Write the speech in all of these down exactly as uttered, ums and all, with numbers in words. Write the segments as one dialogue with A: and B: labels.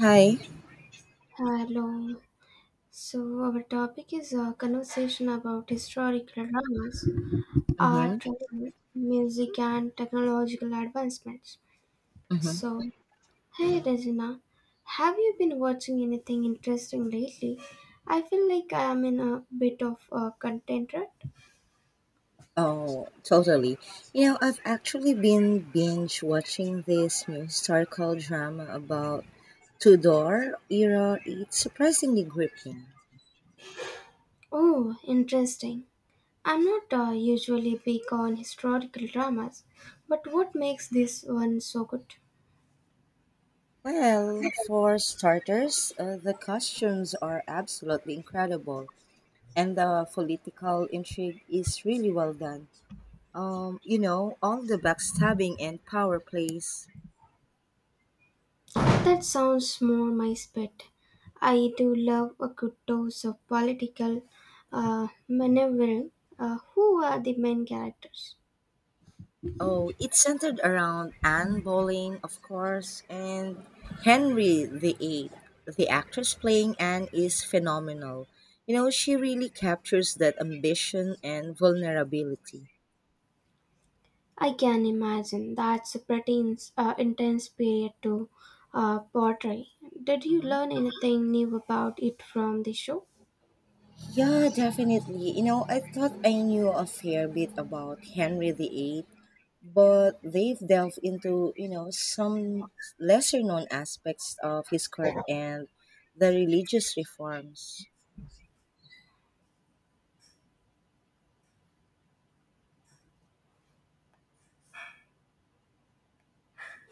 A: Hi.
B: Hello. So our topic is a conversation about historical dramas,
A: Mm-hmm.
B: art, travel, music, and technological advancements.
A: Mm-hmm.
B: So, hey Regina, have you been watching anything interesting lately? I feel like I am in a bit of a content rut.
A: Oh, totally. You know, I've actually been binge watching this new historical drama about Tudor era. It's surprisingly gripping.
B: Oh, interesting. I'm not uh, usually big on historical dramas, but what makes this one so good?
A: Well, for starters, uh, the costumes are absolutely incredible, and the political intrigue is really well done. Um, you know, all the backstabbing and power plays.
B: That sounds more my spit. I do love a good dose of political uh, maneuvering. Uh, who are the main characters?
A: Oh, it's centered around Anne Boleyn, of course, and Henry the Eighth. The actress playing Anne is phenomenal. You know, she really captures that ambition and vulnerability.
B: I can imagine that's a pretty ins- uh, intense period to uh, portray. Did you
A: Mhm.
B: learn anything new about it from the show?
A: Yeah, definitely. You know, I thought I knew a fair bit about Henry eight, but they've delved into, you know, some lesser known aspects of his court and the religious reforms.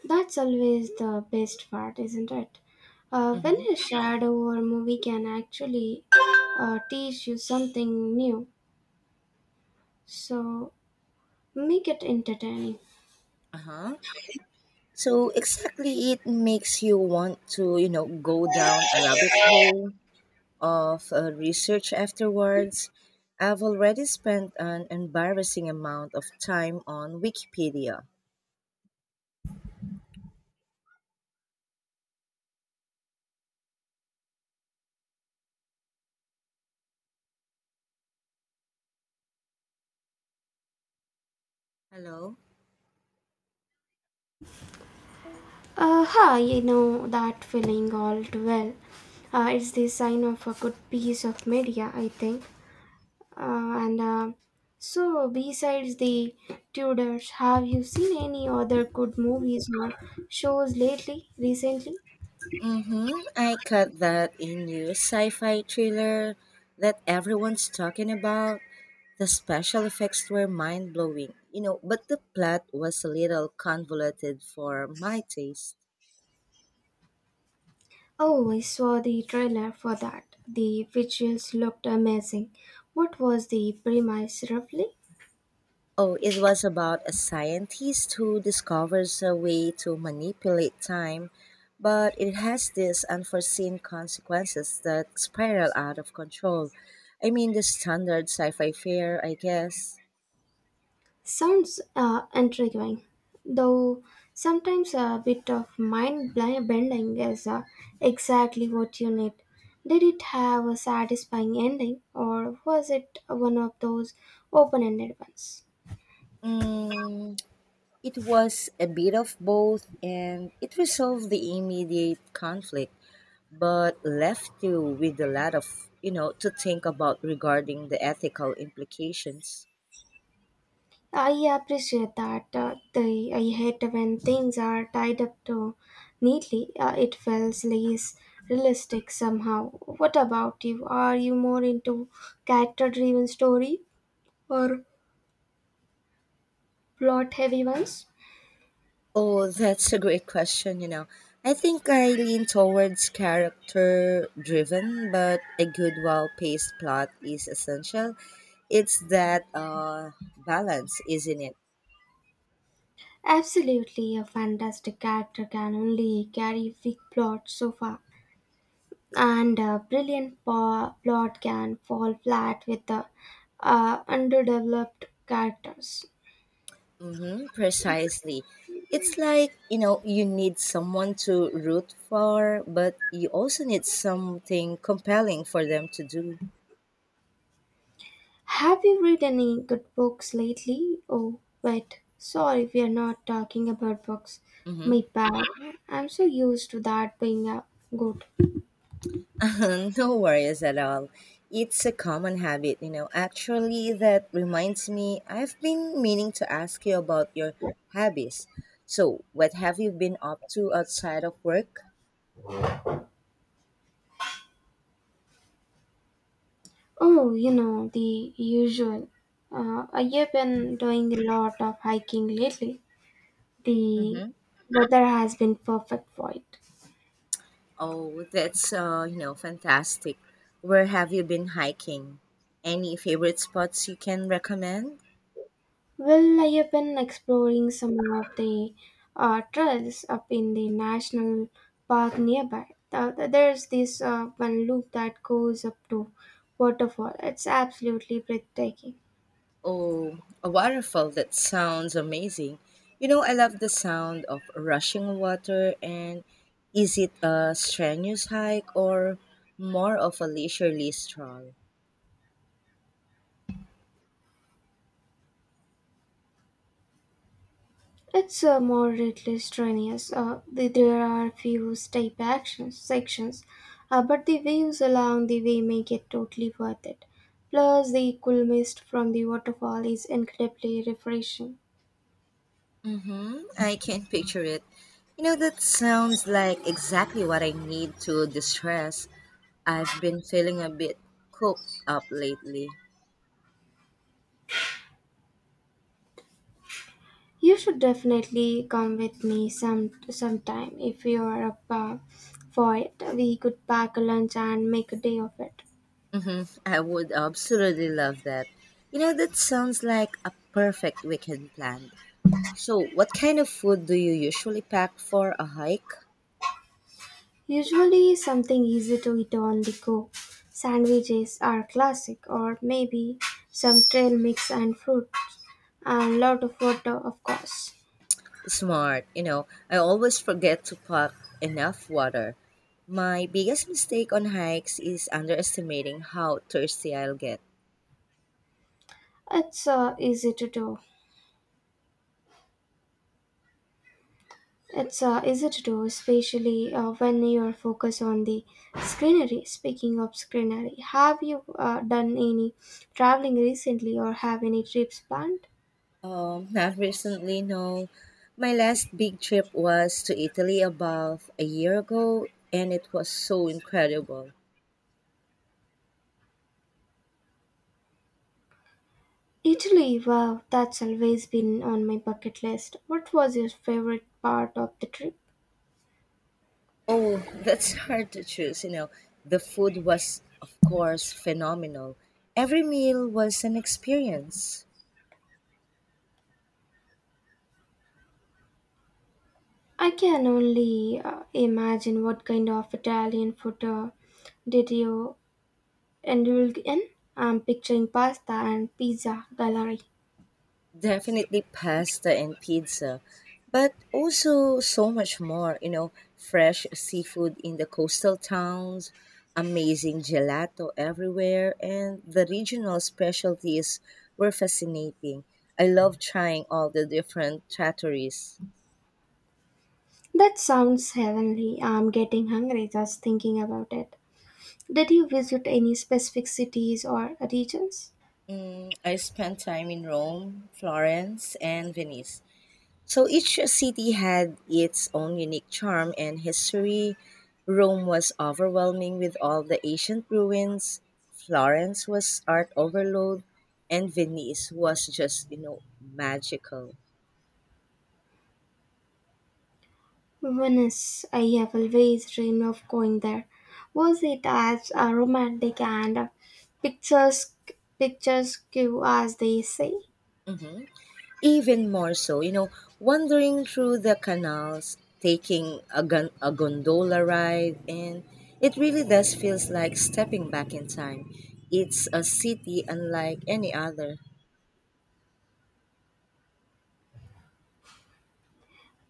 B: That's always the best part, isn't it? Uh, when
A: Mm-hmm.
B: a shadow or movie can actually uh, teach you something new, so make it entertaining.
A: Uh-huh. So exactly, it makes you want to, you know, go down a rabbit hole of uh, research afterwards. I've already spent an embarrassing amount of time on Wikipedia. Hello?
B: Uh, huh, you know that feeling all too well. Uh, it's the sign of a good piece of media, I think. Uh, and uh, so, besides the Tudors, have you seen any other good movies or shows lately, recently?
A: Mm-hmm. I cut that in new sci-fi thriller that everyone's talking about. The special effects were mind blowing, you know, but the plot was a little convoluted for my taste.
B: Oh, I saw the trailer for that. The visuals looked amazing. What was the premise roughly?
A: Oh, it was about a scientist who discovers a way to manipulate time, but it has these unforeseen consequences that spiral out of control. I mean, the standard sci fi fare, I guess.
B: Sounds uh, intriguing, though sometimes a bit of mind bli- bending is uh, exactly what you need. Did it have a satisfying ending, or was it one of those open ended ones?
A: Mm, it was a bit of both, and it resolved the immediate conflict but left you with a lot of, you know, to think about regarding the ethical implications.
B: I appreciate that. Uh, the, I hate when things are tied up too neatly. Uh, it feels less realistic somehow. What about you? Are you more into character driven story or plot heavy ones?
A: Oh, that's a great question, you know. I think I lean towards character driven, but a good, well paced plot is essential. It's that uh, balance, isn't it?
B: Absolutely, a fantastic character can only carry weak plot so far, and a brilliant po- plot can fall flat with the uh, underdeveloped characters.
A: Mm-hmm, precisely. It's like, you know, you need someone to root for, but you also need something compelling for them to do.
B: Have you read any good books lately? Oh, wait, sorry, we are not talking about books.
A: Mm-hmm.
B: My bad. I'm so used to that being a good.
A: No worries at all. It's a common habit, you know. Actually, that reminds me, I've been meaning to ask you about your hobbies. So, what have you been up to outside of work?
B: Oh, you know, the usual. Uh, I have been doing a lot of hiking lately. The
A: hmm
B: weather has been perfect for it.
A: Oh, that's uh, you know, fantastic. Where have you been hiking? Any favorite spots you can recommend?
B: Well, I have been exploring some of the uh, trails up in the national park nearby. Uh, there's this uh, one loop that goes up to waterfall. It's absolutely breathtaking.
A: Oh, a waterfall. That sounds amazing. You know, I love the sound of rushing water. And is it a strenuous hike or more of a leisurely stroll?
B: It's uh, moderately strenuous. Uh, the, there are few step actions sections, uh, but the views along the way make it totally worth it. Plus, the cool mist from the waterfall is incredibly refreshing.
A: Mm-hmm. I can picture it. You know, that sounds like exactly what I need to distress. I've been feeling a bit cooped up lately.
B: You should definitely come with me some sometime if you are up uh, for it. We could pack a lunch and make a day of it.
A: Mm-hmm. I would absolutely love that. You know, that sounds like a perfect weekend plan. So, what kind of food do you usually pack for a hike?
B: Usually something easy to eat on the go. Sandwiches are classic, or maybe some trail mix and fruit, and lot of water, of course.
A: Smart, you know, I always forget to pack enough water. My biggest mistake on hikes is underestimating how thirsty I'll get.
B: It's uh, easy to do. It's uh, easy to do, especially uh, when you're focused on the scenery. Speaking of scenery, have you uh, done any traveling recently, or have any trips planned?
A: Um, not recently, no. My last big trip was to Italy about a year ago, and it was so incredible.
B: Italy, wow, that's always been on my bucket list. What was your favorite part of the trip?
A: Oh, that's hard to choose. You know, the food was, of course, phenomenal. Every meal was an experience.
B: I can only uh, imagine what kind of Italian food uh, did you indulge in. I'm picturing pasta and pizza gallery.
A: Definitely pasta and pizza, but also so much more. You know, fresh seafood in the coastal towns, amazing gelato everywhere, and the regional specialties were fascinating. I love trying all the different trattorias.
B: That sounds heavenly. I'm getting hungry just thinking about it. Did you visit any specific cities or regions?
A: Mm, I spent time in Rome, Florence, and Venice. So each city had its own unique charm and history. Rome was overwhelming with all the ancient ruins. Florence was art overload, and Venice was just, you know, magical.
B: Venice. I have always dreamed of going there. Was it as uh, romantic and uh, picturesque, picturesque as they say?
A: hmm Even more so, you know, wandering through the canals, taking a, gon- a gondola ride, and it really does feels like stepping back in time. It's a city unlike any other.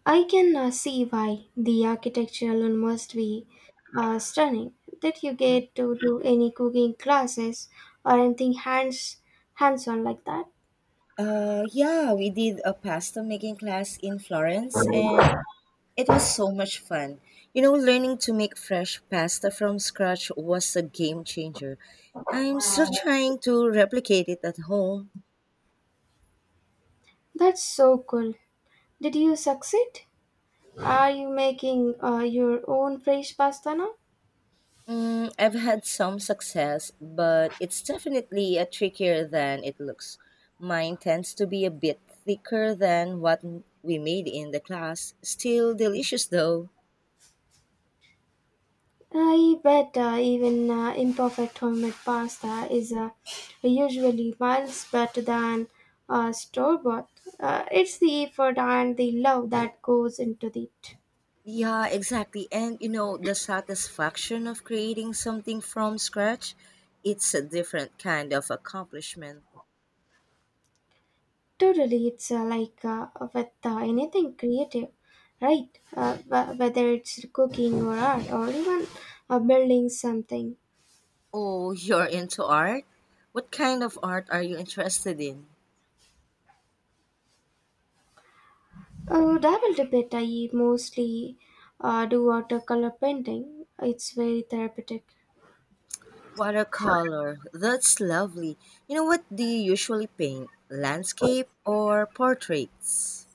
B: I can uh, see why the architecture alone must be uh, stunning. Did you
A: Mm-hmm.
B: get to do any cooking classes or anything hands hands on like that?
A: Uh, yeah, we did a pasta making class in Florence and it was so much fun. You know, learning to make fresh pasta from scratch was a game changer. I'm still trying to replicate it at home.
B: That's so cool. Did you succeed? Are you making uh, your own fresh pasta now?
A: Mm, I've had some success, but it's definitely a trickier than it looks. Mine tends to be a bit thicker than what we made in the class. Still delicious though.
B: I bet uh, even uh, imperfect homemade pasta is uh, usually miles better than uh, store bought. Uh, it's the effort and the love that goes into it.
A: Yeah, exactly. And you know, the satisfaction of creating something from scratch, it's a different kind of accomplishment.
B: Totally, it's uh, like uh, with uh, anything creative, right? Uh, wh- whether it's cooking or art or even uh, building something.
A: Oh, you're into art? What kind of art are you interested in?
B: Uh, dabbled a bit. I mostly uh, do watercolor painting. It's very therapeutic.
A: Watercolor. That's lovely. You know, what do you usually paint? Landscape or portraits?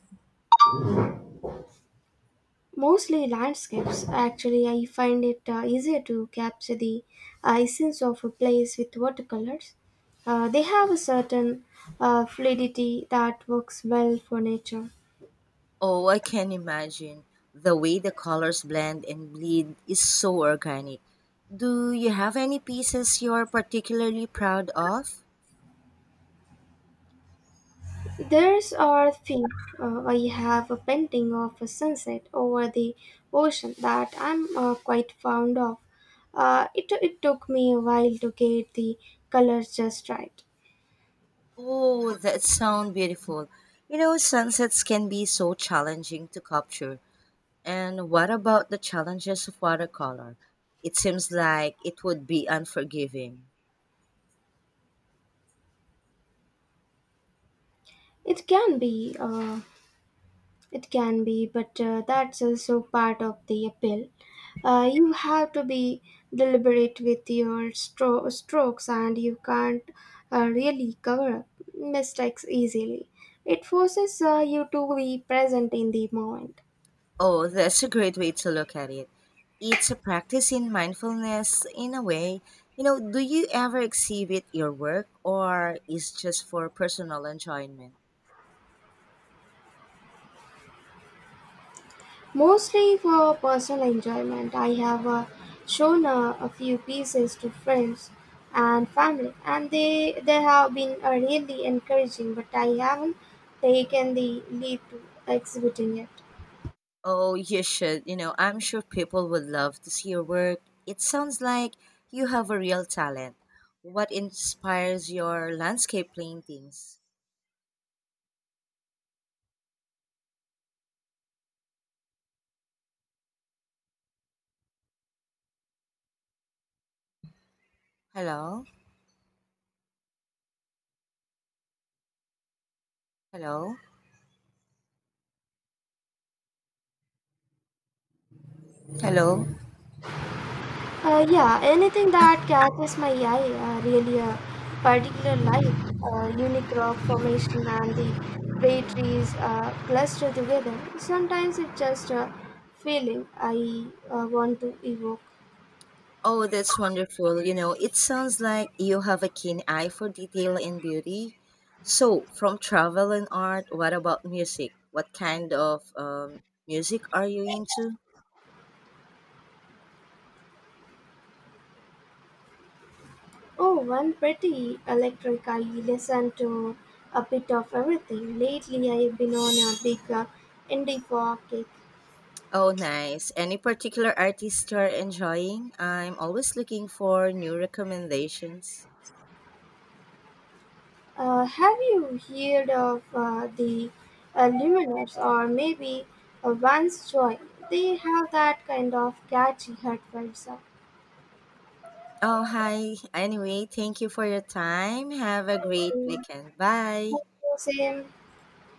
B: Mostly landscapes. Actually, I find it uh, easier to capture the uh, essence of a place with watercolors. Uh, they have a certain uh, fluidity that works well for nature.
A: Oh, I can imagine. The way the colors blend and bleed is so organic. Do you have any pieces you're particularly proud of?
B: There's our thing. Uh, I have a painting of a sunset over the ocean that I'm uh, quite fond of. Uh, it, it took me a while to get the colors just right.
A: Oh, that sounds beautiful. You know, sunsets can be so challenging to capture. And what about the challenges of watercolor? It seems like it would be unforgiving.
B: It can be uh, It can be, but uh, that's also part of the appeal. Uh, you have to be deliberate with your stro- strokes, and you can't uh, really cover up mistakes easily. It forces uh, you to be present in the moment.
A: Oh, that's a great way to look at it. It's a practice in mindfulness in a way. You know, do you ever exhibit your work or is just for personal enjoyment?
B: Mostly for personal enjoyment. I have uh, shown uh, a few pieces to friends and family, and they they have been uh, really encouraging. But I haven't taken the leap to exhibiting it.
A: Oh, you should. You know, I'm sure people would love to see your work. It sounds like you have a real talent. What inspires your landscape paintings? Hello? Hello? Hello?
B: Uh, yeah, anything that catches my eye, uh, really a particular light, uh, unique rock formation and the way trees uh, cluster together. Sometimes it's just a feeling I uh, want to evoke.
A: Oh, that's wonderful. You know, it sounds like you have a keen eye for detail and beauty. So, from travel and art, what about music? What kind of um, music are you into?
B: Oh, one pretty electric. I listen to a bit of everything. Lately, I've been on a big uh, indie folk kick.
A: Oh, nice. Any particular artist you're enjoying? I'm always looking for new recommendations.
B: Uh, have you heard of uh, the uh, Lumineers or maybe uh, Vance Joy? They have that kind of catchy heartfelt sound.
A: Oh, hi. Anyway, thank you for your time. Have a great
B: Mm,
A: weekend. Bye.
B: same.